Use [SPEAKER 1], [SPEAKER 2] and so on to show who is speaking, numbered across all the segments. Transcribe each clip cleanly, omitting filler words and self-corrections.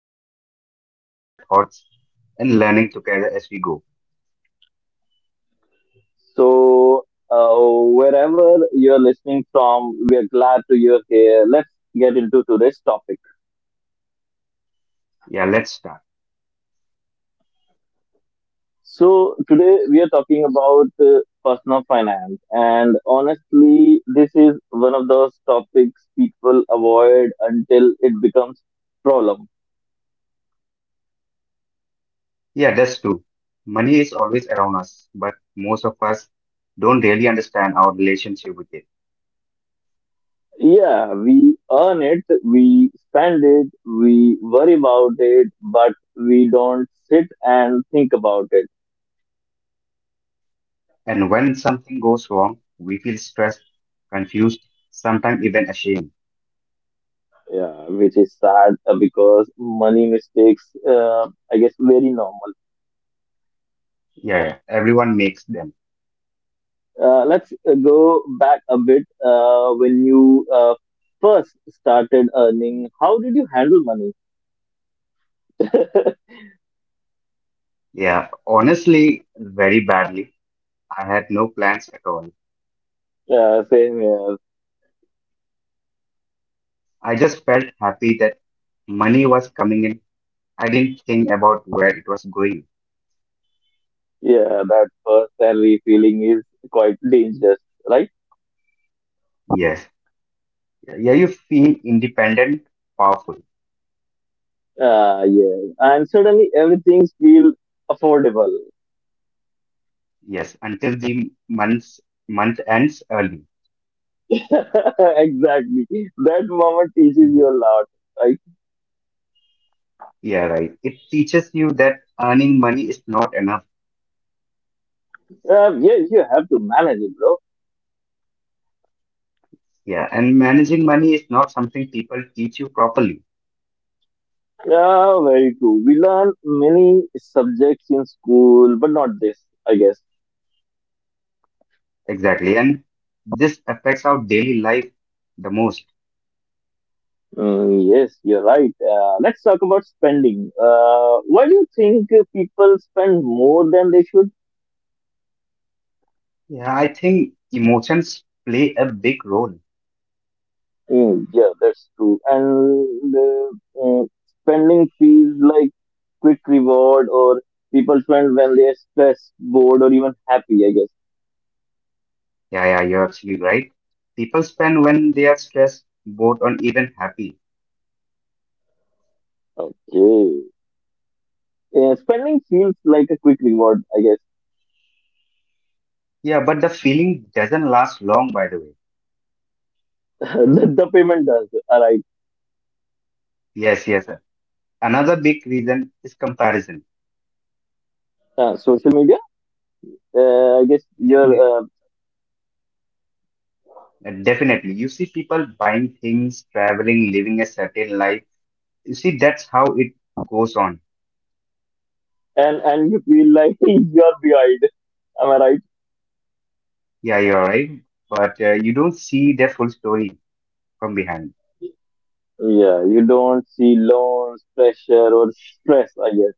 [SPEAKER 1] honesty, conversation, share thoughts, and learning together as we go.
[SPEAKER 2] So, uh, wherever you're listening from, we are glad to you're here. Let's get into today's topic.
[SPEAKER 1] Yeah, let's start.
[SPEAKER 2] So today we are talking about personal finance, and honestly, this is one of those topics people avoid until it becomes problem.
[SPEAKER 1] Yeah, that's true. Money is always around us, but most of us don't really understand our relationship with it.
[SPEAKER 2] Yeah, we earn it, we spend it, we worry about it, but we don't sit and think about it.
[SPEAKER 1] And when something goes wrong, we feel stressed, confused, sometimes even ashamed.
[SPEAKER 2] Yeah, which is sad because money mistakes, I guess, very normal.
[SPEAKER 1] Yeah, yeah, everyone makes them.
[SPEAKER 2] Let's go back a bit. When you first started earning, how did you handle money?
[SPEAKER 1] Yeah, honestly, very badly. I had no plans at all.
[SPEAKER 2] Yeah, same here.
[SPEAKER 1] I just felt happy that money was coming in. I didn't think about where it was going.
[SPEAKER 2] Yeah, that first salary feeling is quite dangerous, right?
[SPEAKER 1] Yes. Yeah, you feel independent, powerful.
[SPEAKER 2] Yeah, and suddenly everything feel affordable.
[SPEAKER 1] Yes, until the month ends early.
[SPEAKER 2] Exactly. That moment teaches you
[SPEAKER 1] Mhm.
[SPEAKER 2] a lot, right?
[SPEAKER 1] Yeah, right. It teaches you that earning money is not enough.
[SPEAKER 2] Yes, you have to manage it, bro.
[SPEAKER 1] Yeah, and managing money is not something people teach you properly.
[SPEAKER 2] Yeah, very true. We learn many subjects in school, but not this, I guess.
[SPEAKER 1] Exactly. And this affects our daily life the most.
[SPEAKER 2] Yes, you're right. Let's talk about spending. Why do you think people spend more than they should?
[SPEAKER 1] Yeah, I think emotions play a big role.
[SPEAKER 2] Yeah, that's true. And spending feels like quick reward, or people spend when they are stressed, bored, or even happy. I guess.
[SPEAKER 1] Yeah, yeah, you're absolutely right. People spend when they are stressed, bored, or even happy.
[SPEAKER 2] Okay. Spending feels like a quick reward. I guess.
[SPEAKER 1] Yeah, but the feeling doesn't last long, by the way.
[SPEAKER 2] The payment does. All right.
[SPEAKER 1] Yes, yes, sir. Another big reason is comparison.
[SPEAKER 2] Social media. I guess you're
[SPEAKER 1] Definitely. Definitely. You see people buying things, traveling, living a certain life. You see, that's how it goes on.
[SPEAKER 2] and you feel like you're behind. Am I right?
[SPEAKER 1] Yeah, you're right. But you don't see their full story from behind.
[SPEAKER 2] Yeah, you don't see loans, pressure, or stress, I guess.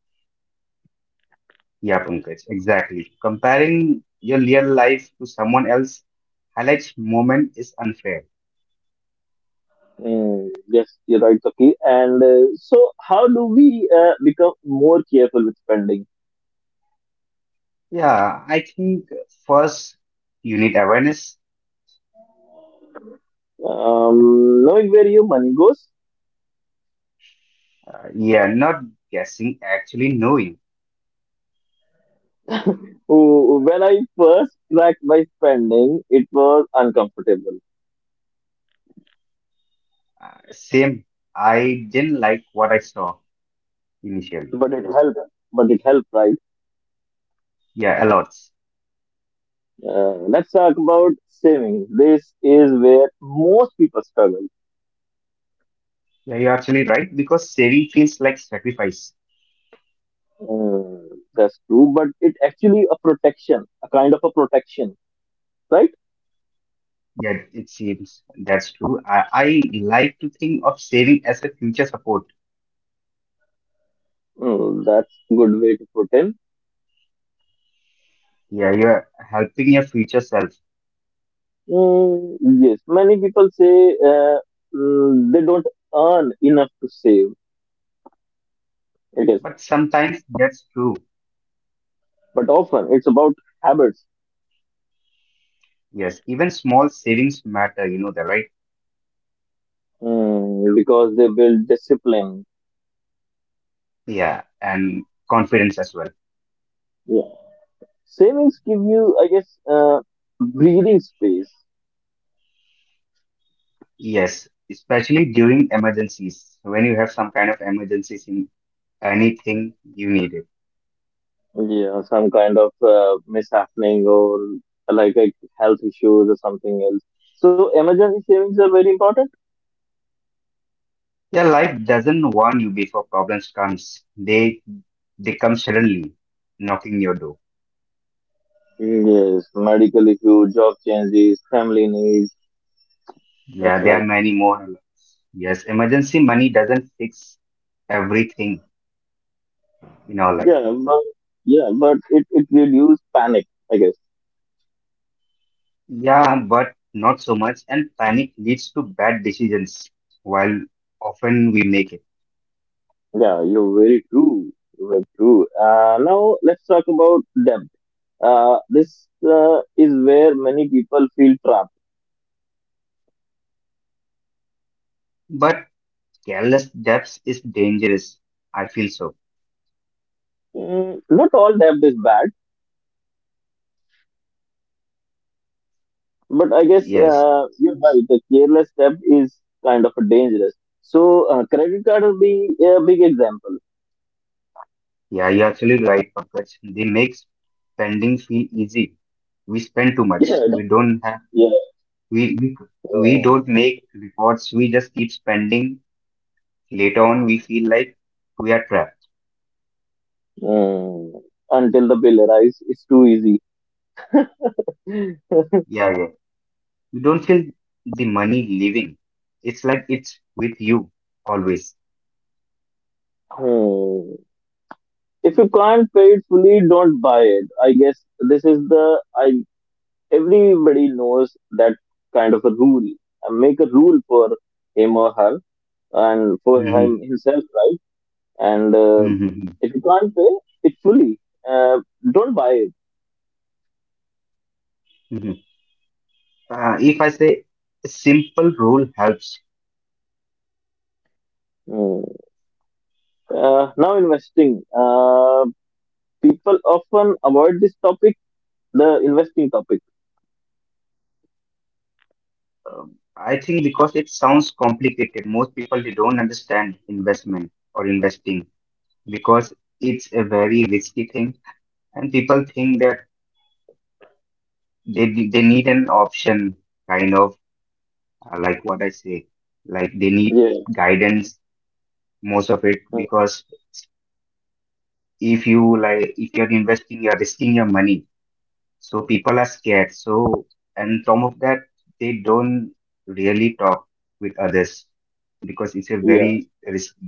[SPEAKER 1] Yeah, Pankaj, exactly. Comparing your real life to someone else highlights moment is unfair.
[SPEAKER 2] Yes, you're right, Taki. And so, how do we become more careful with spending?
[SPEAKER 1] Yeah, I think first you need awareness.
[SPEAKER 2] Knowing where your money goes.
[SPEAKER 1] Yeah, not guessing, actually knowing.
[SPEAKER 2] Oh, when I first tracked my spending, it was uncomfortable,
[SPEAKER 1] Same, I didn't like what I saw initially.
[SPEAKER 2] but it helped. But it helped, right?
[SPEAKER 1] Yeah, a lot.
[SPEAKER 2] Let's talk about savings. This is where most people struggle.
[SPEAKER 1] Yeah, you're actually right because saving feels like sacrifice.
[SPEAKER 2] Mm, that's true, but it actually a protection, a kind of a protection, right?
[SPEAKER 1] Yeah, it seems that's true. I like to think of saving as a future support.
[SPEAKER 2] Oh, that's good way to put in.
[SPEAKER 1] Yeah, you're helping your future self.
[SPEAKER 2] Yes, many people say they don't earn enough to save. I guess,
[SPEAKER 1] But sometimes that's true.
[SPEAKER 2] but often it's about habits.
[SPEAKER 1] Yes, even small savings matter, the right?
[SPEAKER 2] Because they build discipline.
[SPEAKER 1] Yeah, and confidence as well.
[SPEAKER 2] Yeah, savings give you, I guess, breathing space.
[SPEAKER 1] Yes, especially during emergencies. When you have some kind of emergencies in anything you need it.
[SPEAKER 2] Yeah, some kind of mishappening or like a health issues or something else. So emergency savings are very important.
[SPEAKER 1] Yeah, life doesn't warn you before problems comes. They come suddenly, knocking your door.
[SPEAKER 2] Yes, medical issues, job changes, family needs. That's
[SPEAKER 1] Yeah, there
[SPEAKER 2] right.
[SPEAKER 1] are many more. Alerts. Yes, emergency money doesn't fix everything in our life.
[SPEAKER 2] Yeah, but yeah, but it reduces panic, I guess.
[SPEAKER 1] Yeah, but not so much. And panic leads to bad decisions, while often we make it.
[SPEAKER 2] Yeah, you're very true. You're very true. Now let's talk about debt. This is where many people feel trapped.
[SPEAKER 1] But careless depths is dangerous. I feel so.
[SPEAKER 2] Not all debt is bad, but I guess
[SPEAKER 1] Yes.
[SPEAKER 2] you're right. The careless debt is kind of dangerous. So credit card will be a big example.
[SPEAKER 1] Yeah, you're actually right, Pankaj. They make spending feel easy. We spend too
[SPEAKER 2] Yeah,
[SPEAKER 1] much.
[SPEAKER 2] yeah, yeah.
[SPEAKER 1] We, we, we don't make reports. We just keep spending. Later on, we feel like we are trapped.
[SPEAKER 2] Mm. Until the bill arrives, it's too easy.
[SPEAKER 1] Yeah, yeah. You don't feel the money leaving. It's like it's with you always.
[SPEAKER 2] Hmm. If you can't pay it fully, don't buy it. I guess this is the I everybody knows that kind of a rule. Make a rule for him or her and for him
[SPEAKER 1] Mhm.
[SPEAKER 2] himself, right? And
[SPEAKER 1] Mm-hmm.
[SPEAKER 2] if you can't pay it fully, uh, don't buy it.
[SPEAKER 1] Hmm. If I say a simple rule helps.
[SPEAKER 2] Hmm. Now investing. People often avoid this topic, the investing topic.
[SPEAKER 1] um, I think because it sounds complicated, most people they don't understand investment or investing because it's a very risky thing, and people think that they need an option, kind of like what I say, like they need
[SPEAKER 2] Yeah,
[SPEAKER 1] guidance most of it
[SPEAKER 2] hmm,
[SPEAKER 1] because if you're investing, you're risking your money. So people are scared. So, and some of that, they don't really talk with others because it's a
[SPEAKER 2] yeah,
[SPEAKER 1] very risky.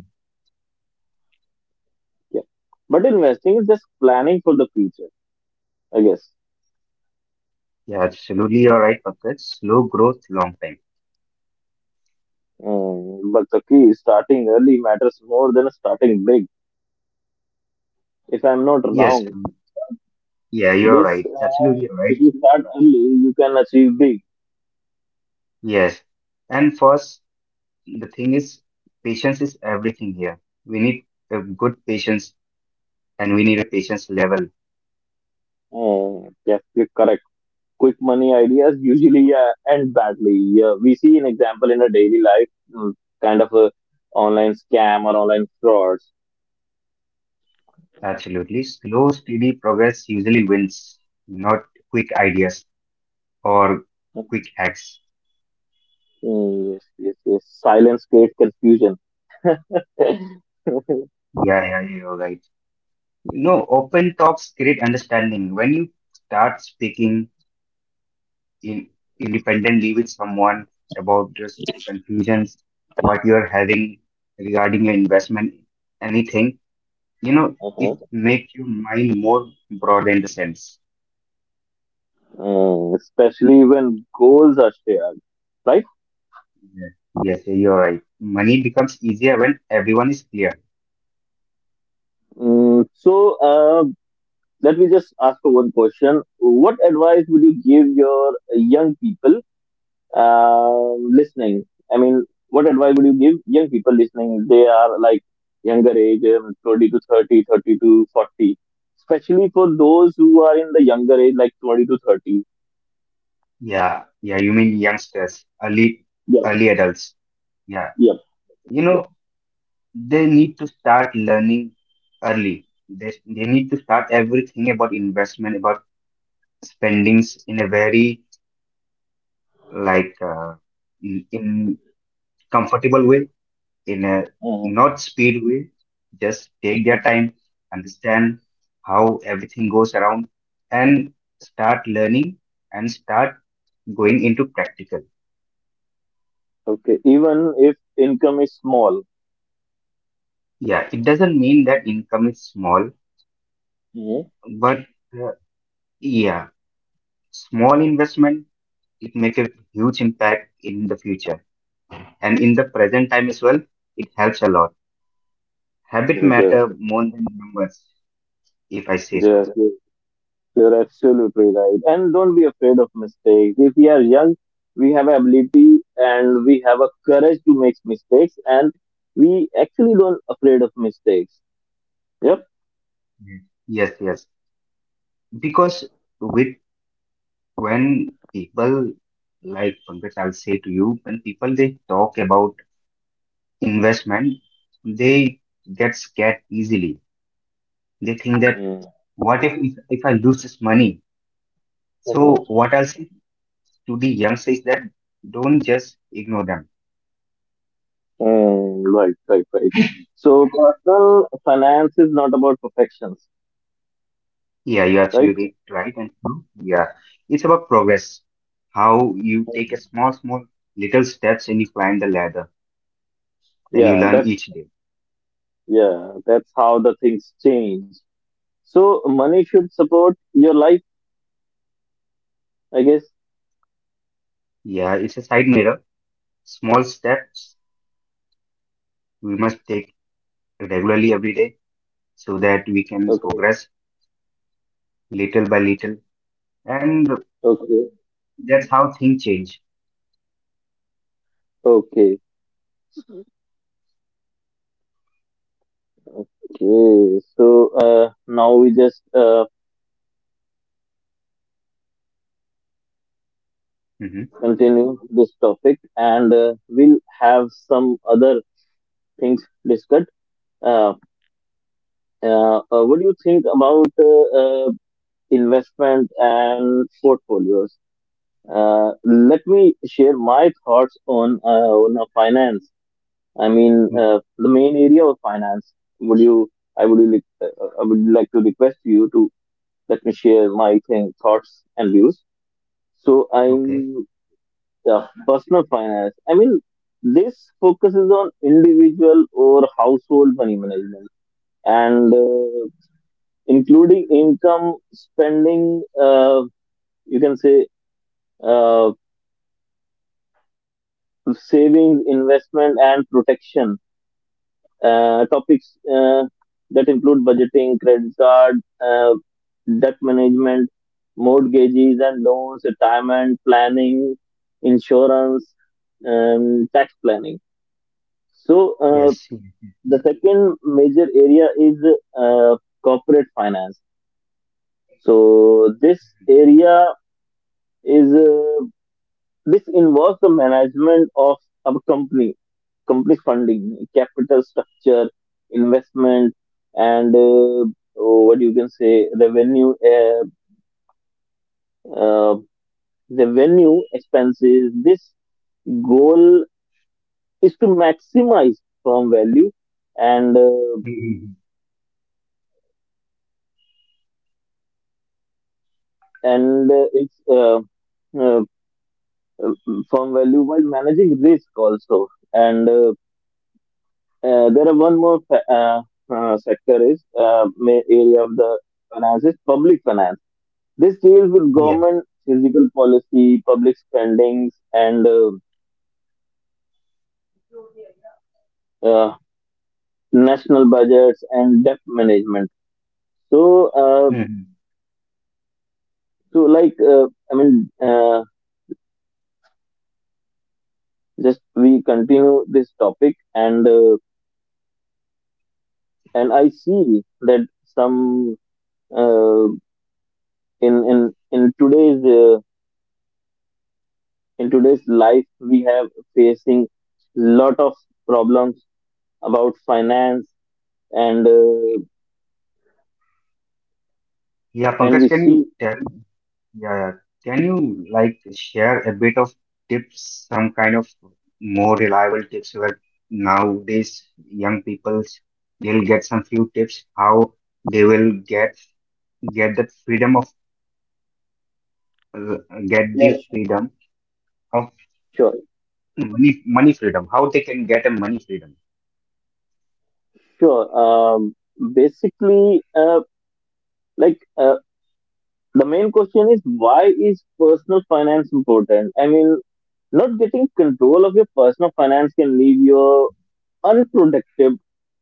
[SPEAKER 2] yeah. But investing is just planning for the future, I guess.
[SPEAKER 1] Yeah, absolutely, you're right, Pankaj. Slow growth, long time.
[SPEAKER 2] But the key is starting early matters more than starting big. If I'm not
[SPEAKER 1] Yes,
[SPEAKER 2] wrong,
[SPEAKER 1] yeah, you're
[SPEAKER 2] this
[SPEAKER 1] right. Absolutely, right.
[SPEAKER 2] if you start early, you can achieve big.
[SPEAKER 1] Yes. And first, the thing is, patience is everything here. We need a good patience and we need a patience level.
[SPEAKER 2] Yes, you're correct. Quick money ideas usually end badly. Yeah, we see an example in our daily life, mm, kind of a online scam or online frauds.
[SPEAKER 1] Absolutely. Slow, steady progress usually wins, not quick ideas or quick hacks.
[SPEAKER 2] Yes, yes, yes. Silence creates confusion. Uh-huh.
[SPEAKER 1] Yeah, yeah, you're right. You know, open talks create understanding. When you start speaking in independently with someone about just confusions, what you're having regarding your investment, anything, it makes your mind more broad in the sense.
[SPEAKER 2] Especially when goals are shared, right?
[SPEAKER 1] Yeah. Yes, you're right. Money becomes easier when everyone is clear.
[SPEAKER 2] So, let me just ask you one question. What advice would you give your young people listening? I mean, what advice would you give young people listening? They are like younger age, 20 to 30, 30 to 40, especially for those who are in the younger age, like 20 to 30.
[SPEAKER 1] Yeah, yeah, you mean youngsters, early
[SPEAKER 2] Yeah,
[SPEAKER 1] early adults. Yeah.
[SPEAKER 2] yeah,
[SPEAKER 1] You
[SPEAKER 2] yeah.
[SPEAKER 1] know, they need to start learning early. They need to start everything about investment, about spendings in a very like in comfortable way, in a
[SPEAKER 2] Mhm,
[SPEAKER 1] not speed way. Just take their
[SPEAKER 2] mhm.
[SPEAKER 1] time, understand how everything goes around, and start learning and start going into practical.
[SPEAKER 2] Okay, even if income is small.
[SPEAKER 1] Yeah, it doesn't mean that income is small,
[SPEAKER 2] Mm-hmm.
[SPEAKER 1] but uh, yeah, small investment it makes a huge impact in the future and in the present time as well. It helps a lot. Habit
[SPEAKER 2] Yes,
[SPEAKER 1] matter more than numbers, if I say so.
[SPEAKER 2] yes. You're absolutely right. And don't be afraid of mistakes. If we are young, we have ability and we have a courage to make mistakes and we actually don't afraid of mistakes. Yep.
[SPEAKER 1] Yes, yes, yes. Because with when people like Pankaj, I'll say to you when people they talk about investment they get scared easily. They think that
[SPEAKER 2] Mm-hmm.
[SPEAKER 1] what if if I lose this money. So what I'll say to the youngsters is that don't just ignore them.
[SPEAKER 2] Right, right, right. So personal finance is not about perfections,
[SPEAKER 1] Yeah, you're
[SPEAKER 2] right?
[SPEAKER 1] absolutely right and true. Yeah, it's about progress. How you take a small, small, little steps and you climb the ladder and you
[SPEAKER 2] Yeah,
[SPEAKER 1] learn
[SPEAKER 2] that's
[SPEAKER 1] each day.
[SPEAKER 2] yeah, that's how the things change. So money should support your life, I guess.
[SPEAKER 1] Yeah, it's a side mirror. Small steps we must take regularly every day so that we can
[SPEAKER 2] Okay,
[SPEAKER 1] progress little by little. And
[SPEAKER 2] okay,
[SPEAKER 1] that's how things change.
[SPEAKER 2] okay. Okay, so now we just
[SPEAKER 1] Mm-hmm.
[SPEAKER 2] continue this topic and we'll have some other things discussed. Uh, what do you think about uh, investment and portfolios? Let me share my thoughts on finance. I mean,
[SPEAKER 1] Hmm.
[SPEAKER 2] the main area of finance. Would you? I would like to request you to let me share my thoughts and views. So
[SPEAKER 1] Okay.
[SPEAKER 2] I'm. Yeah, personal finance. I mean, this focuses on individual or household money management and including income, spending, you can say uh, savings, investment, and protection. Topics that include budgeting, credit card, uh, debt management, mortgages and loans, retirement planning, insurance, tax planning. So, uh,
[SPEAKER 1] Yes. Yeah.
[SPEAKER 2] the second major area is uh, corporate finance. So this area is this involves the management of a company company funding, capital structure, investment, and oh, what you can say, uh, revenue expenses. This goal is to maximize firm value and uh,
[SPEAKER 1] Mhm.
[SPEAKER 2] and it's uh, uh, firm value while managing risk also. And there are one more sector is area of the finance is public finance. This deals with
[SPEAKER 1] Yeah.
[SPEAKER 2] government physical policy, public spendings, and uh, national budgets and debt management. So, uh,
[SPEAKER 1] Mhm.
[SPEAKER 2] so like uh, I mean, just we continue this topic, and I see that some uh, in in in today's uh, in today's life we have facing lot of problems about finance and uh,
[SPEAKER 1] Yeah,
[SPEAKER 2] and we
[SPEAKER 1] Pankaj, can you
[SPEAKER 2] see.
[SPEAKER 1] tell? Yeah. Can you like share a bit of tips, some kind of more reliable tips where nowadays young people they'll get some few tips how they will get that freedom of uh, get the
[SPEAKER 2] Yeah,
[SPEAKER 1] freedom of
[SPEAKER 2] sure,
[SPEAKER 1] money freedom, how they can get a money freedom.
[SPEAKER 2] sure. Basically like uh, the main question is why is personal finance important. I mean, not getting control of your personal finance can leave you unprotected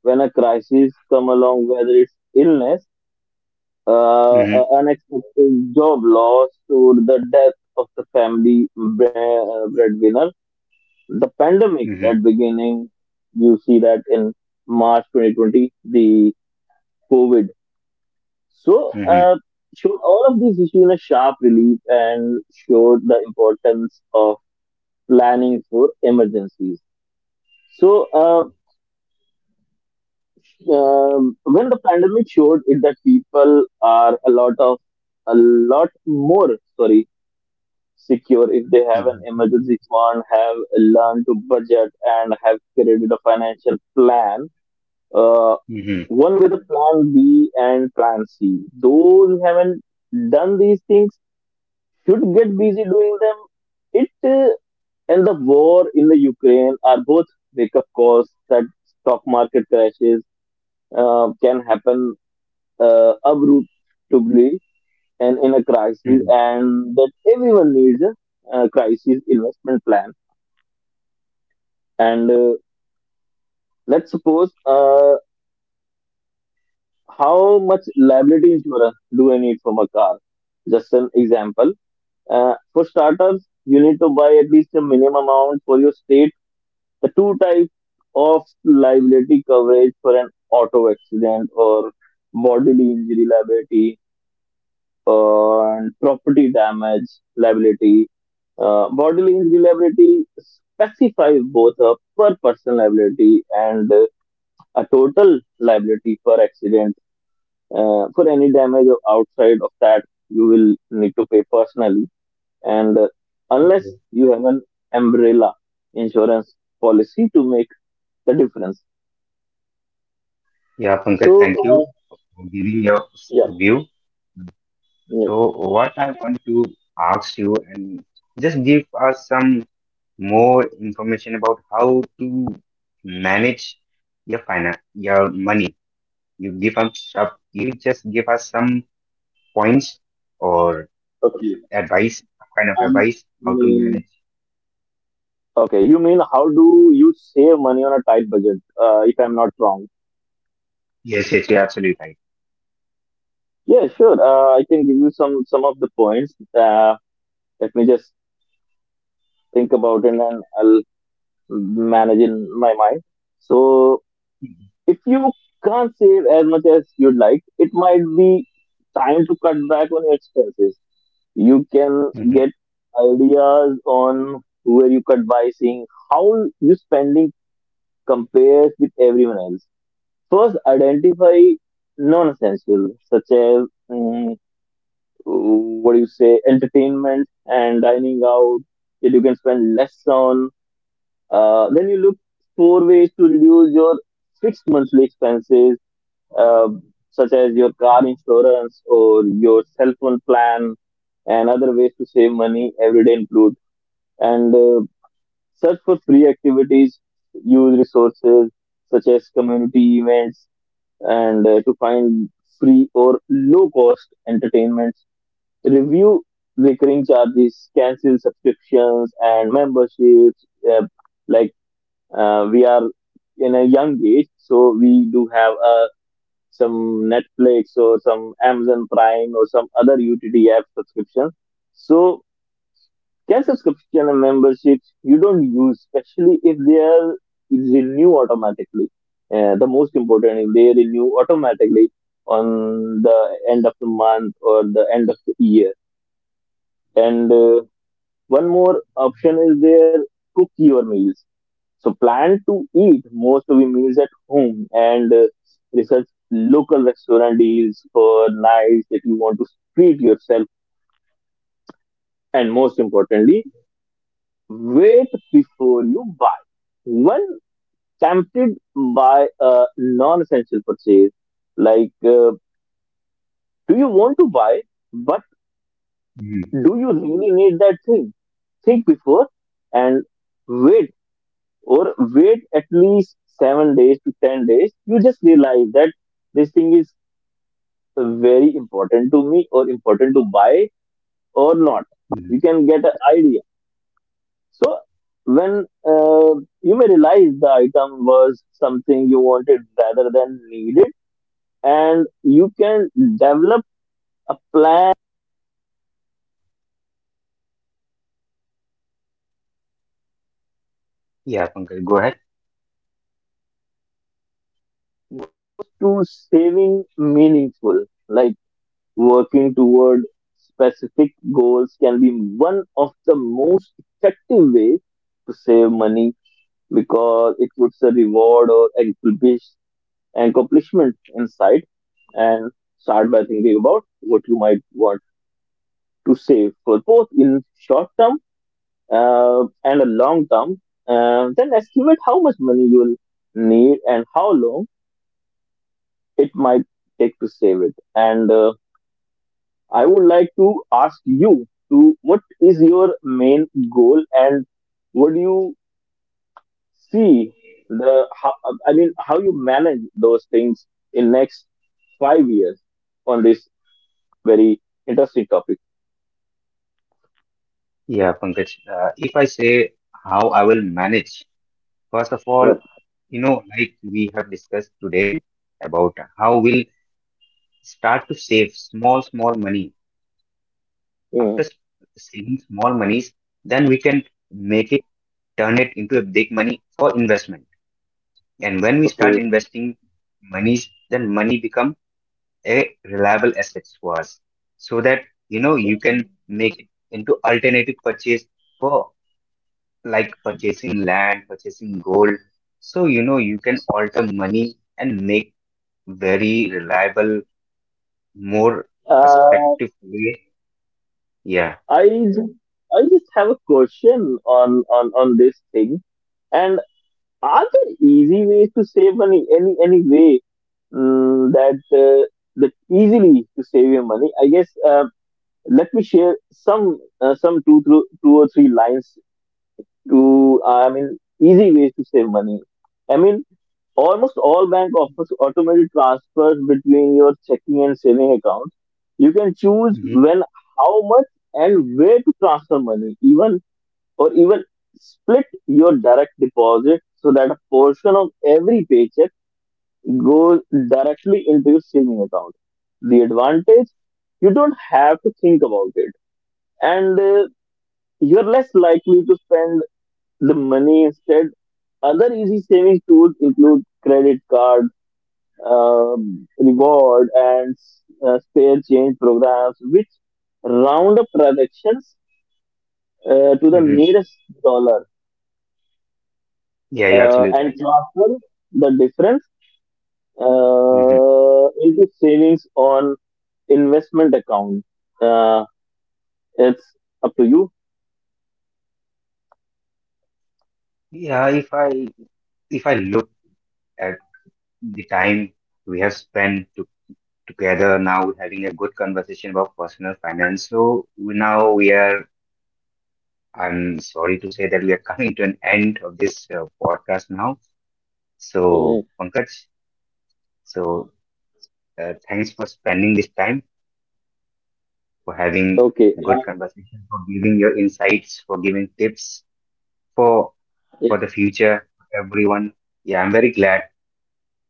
[SPEAKER 2] when a crisis come along, whether it's illness,
[SPEAKER 1] Mm-hmm.
[SPEAKER 2] unexpected job loss, or the death of the family breadwinner. The pandemic
[SPEAKER 1] Mm-hmm.
[SPEAKER 2] at beginning, you see that in March 2020, the COVID. So,
[SPEAKER 1] Mm-hmm.
[SPEAKER 2] showed all of these issues in a sharp relief and showed the importance of planning for emergencies. So, uh, when the pandemic showed it that people are a lot more sorry secure if they have an
[SPEAKER 1] Mm-hmm.
[SPEAKER 2] emergency fund, have learned to budget, and have created a financial plan. Uh,
[SPEAKER 1] Mm-hmm.
[SPEAKER 2] One with a plan B and plan C. Those who haven't done these things should get busy doing them. It And the war in the Ukraine are both wake up calls that stock market crashes can happen abruptly and in a crisis,
[SPEAKER 1] Mm-hmm.
[SPEAKER 2] and that everyone needs a crisis investment plan. And let's suppose how much liability insurance do I need from a car? Just an example. For starters, you need to buy at least a minimum amount for your state. The two types of liability coverage for an auto accident or bodily injury liability and property damage liability. Bodily injury liability specifies both a per person liability and a total liability for accident for any damage outside of that you will need to pay personally and unless
[SPEAKER 1] Okay.
[SPEAKER 2] you have an umbrella insurance policy to make the difference.
[SPEAKER 1] Yeah, Pankaj,
[SPEAKER 2] so
[SPEAKER 1] thank you
[SPEAKER 2] uh,
[SPEAKER 1] for giving your
[SPEAKER 2] yeah,
[SPEAKER 1] view.
[SPEAKER 2] yeah,
[SPEAKER 1] So, what I want to ask you, and just give us some more information about how to manage your finance, your money. You give us, you just give us some points or
[SPEAKER 2] okay.
[SPEAKER 1] advice, kind of
[SPEAKER 2] um,
[SPEAKER 1] advice, how to
[SPEAKER 2] mm,
[SPEAKER 1] manage.
[SPEAKER 2] okay, you mean how do you save money on a tight budget if I'm not wrong.
[SPEAKER 1] Yes, yes, you're absolutely right.
[SPEAKER 2] Yeah, sure. I can give you some of the points. uh, Let me just think about it and I'll managing my mind. So if you can't save as much as you'd like, it might be time to cut back on your expenses. You can
[SPEAKER 1] Mhm,
[SPEAKER 2] get ideas on where you cut by seeing how your spending compares with everyone else. First, identify non-essential such as mm, what do you say, entertainment and dining out, that you can spend less on. Then you look for ways to reduce your fixed monthly expenses, uh, such as your car insurance or your cell phone plan, and other ways to save money every day include. And search for free activities, use resources such as community events, and to find free or low cost entertainments. Review recurring charges, cancel subscriptions and memberships, uh, like we are in a young age, so we do have some Netflix or some Amazon Prime or some other UTT app subscriptions. So can subscription and memberships you don't use, especially if they are renew automatically. The most important is they renew automatically on the end of the month or the end of the year. And one more option is there cook your meals, so plan to eat most of your meals at home, and research local restaurant deals for nights that you want to treat yourself. And most importantly, wait before you buy. When tempted by a non-essential purchase, like uh, do you want to buy, but
[SPEAKER 1] mhm,
[SPEAKER 2] do you really need that thing? Think before and wait, or wait at least 7 days to 10 days. You just realize that this thing is very important to me or important to buy or not.
[SPEAKER 1] mhm.
[SPEAKER 2] You can get an idea. So when you may realize the item was something you wanted rather than needed, and you can develop a plan
[SPEAKER 1] Yeah, Pankaj, go ahead.
[SPEAKER 2] to saving meaningful, like working toward specific goals can be one of the most effective ways to save money, because it puts a reward or accomplishment in sight. And start by thinking about what you might want to save for both in short term and a long term. Then estimate how much money you will need and how long it might take to save it. And I would like to ask you to what is your main goal, and what do you see the how, I mean how you manage those things in next 5 years on this very interesting topic.
[SPEAKER 1] Yeah, Pankaj, if I say how I will manage. First of all,
[SPEAKER 2] Yep.
[SPEAKER 1] you know, like we have discussed today about how we'll start to save small, small money.
[SPEAKER 2] Yeah.
[SPEAKER 1] After saving small monies, then we can make it, turn it into a big money for investment. And when we
[SPEAKER 2] Okay.
[SPEAKER 1] start investing monies, then money become a reliable assets for us. So that, you know,
[SPEAKER 2] So,
[SPEAKER 1] you can make it into alternative purchase for like purchasing land, purchasing gold. So, you know, you can alter money and make very reliable, more
[SPEAKER 2] uh,
[SPEAKER 1] respectful way. Yeah.
[SPEAKER 2] I just, I just have a question on on this thing. And are there easy ways to save money? Any way mm, that uh, that easily to save your money? I guess. Let me share some two or three lines to I mean easy ways to save money. I mean almost all bank offers automated transfers between your checking and saving accounts. You can choose
[SPEAKER 1] Hmm.
[SPEAKER 2] when, how much, and where to transfer money, even or even split your direct deposit so that a portion of every paycheck goes directly into your saving account. The advantage you don't have to think about it, and you're less likely to spend the money instead. Other easy savings tools include credit card, reward, and spare change programs, which round up transactions to the
[SPEAKER 1] Hmm.
[SPEAKER 2] nearest dollar
[SPEAKER 1] Yeah, you're absolutely
[SPEAKER 2] and
[SPEAKER 1] right.
[SPEAKER 2] transfer the difference
[SPEAKER 1] Hmm.
[SPEAKER 2] into savings on investment account. Uh, it's up to you.
[SPEAKER 1] Yeah, if I look at the time we have spent to, together now, having a good conversation about personal finance. So now we are. I'm sorry to say that we are coming to an end of this podcast now.
[SPEAKER 2] Mhm.
[SPEAKER 1] So Pankaj, so thanks for spending this time for having
[SPEAKER 2] Okay.
[SPEAKER 1] good conversation, for giving your insights, for giving tips for for the future everyone. Yeah, I'm very glad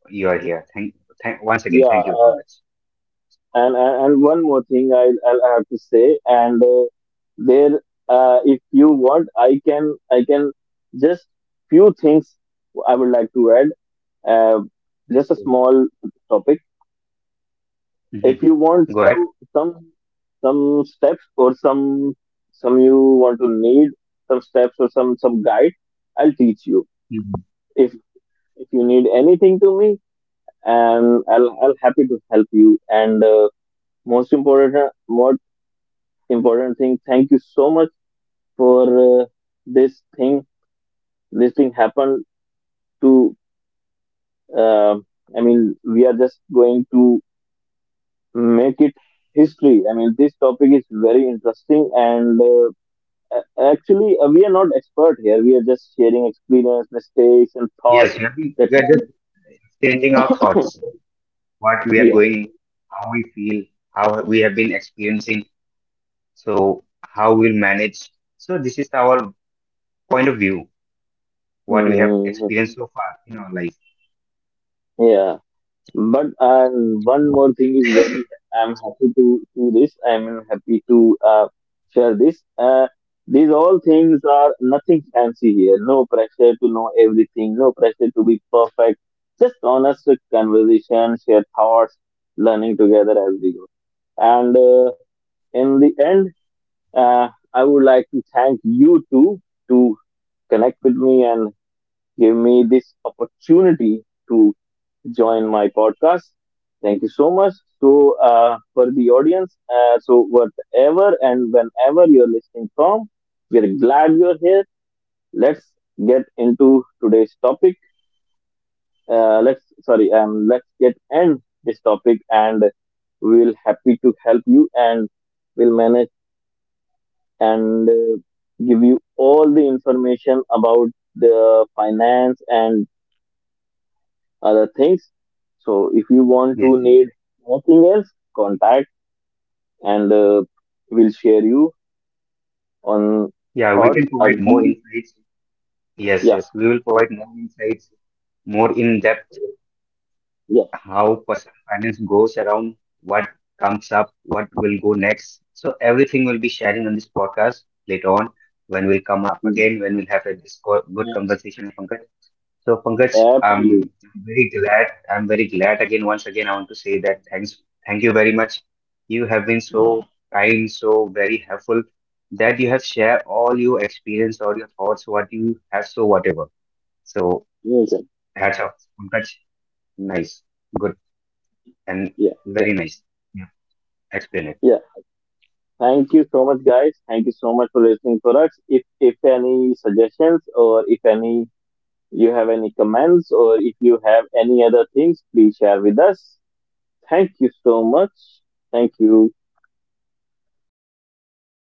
[SPEAKER 1] you are here. Thank once again, thank you,
[SPEAKER 2] Yeah.
[SPEAKER 1] Pankaj.
[SPEAKER 2] And one more thing I'll have to say, and there if you want, I can just few things I would like to add, uh, just a small topic, if
[SPEAKER 1] Mhm.
[SPEAKER 2] you want
[SPEAKER 1] Go ahead.
[SPEAKER 2] some steps or some you want to need some steps or some guide I'll teach you.
[SPEAKER 1] Mhm.
[SPEAKER 2] if if you need anything to me, and I'll happy to help you, and most important important thing. Thank you so much for this thing. This thing happened to. Uh, I mean, we are just going to make it history. I mean, this topic is very interesting, and actually, we are not expert here. We are just sharing experience, mistakes, and
[SPEAKER 1] Yes,
[SPEAKER 2] thoughts.
[SPEAKER 1] we are
[SPEAKER 2] That
[SPEAKER 1] we are just exchanging our thoughts, what we are
[SPEAKER 2] yeah,
[SPEAKER 1] going, how we feel, how we have been experiencing, so how we'll manage. So this is our point of view, what we have
[SPEAKER 2] Mhm.
[SPEAKER 1] experienced so far in our life.
[SPEAKER 2] yeah. But and one more thing is very I'm happy to see this. I'm happy to share this. These all things are nothing fancy here. No pressure to know everything. No pressure to be perfect. Just honest conversation, share thoughts, learning together as we go. And in the end, I would like to thank you too to connect with me and give me this opportunity to join my podcast. Thank you so much. So, for the audience, so whatever and whenever you're listening from, we're glad you're here. Let's get into today's topic. Let's get end this topic, and we'll happy to help you, and we'll manage and give you all the information about the finance and other things. So if you want
[SPEAKER 1] Yes.
[SPEAKER 2] to need anything else, contact and we'll share you on
[SPEAKER 1] Yeah, we
[SPEAKER 2] thoughts.
[SPEAKER 1] can
[SPEAKER 2] Are
[SPEAKER 1] provide more
[SPEAKER 2] we-
[SPEAKER 1] insights. Yes,
[SPEAKER 2] Yeah,
[SPEAKER 1] yes, we will provide more insights, more in depth
[SPEAKER 2] yeah,
[SPEAKER 1] how personal finance goes around, what comes up, what will go next. So everything will be sharing on this podcast later on when we'll come up
[SPEAKER 2] mm,
[SPEAKER 1] again, when we'll have a good conversation, Pankaj. So Pankaj,
[SPEAKER 2] absolutely.
[SPEAKER 1] I'm very glad. I'm very glad again. Once again, I want to say that thanks. Thank you very much. You have been so kind, so very helpful that you have shared all your experience, all your thoughts, what you have, so whatever. So
[SPEAKER 2] Yes, sir.
[SPEAKER 1] that's all. Pankaj, nice. Good and
[SPEAKER 2] Yeah, yeah,
[SPEAKER 1] very nice. Yeah, explain it.
[SPEAKER 2] yeah. Thank you so much, guys. Thank you so much for listening for us. If any suggestions or if any you have any comments or if you have any other things, please share with us. Thank you so much. Thank you.
[SPEAKER 1] Okay, guys, thank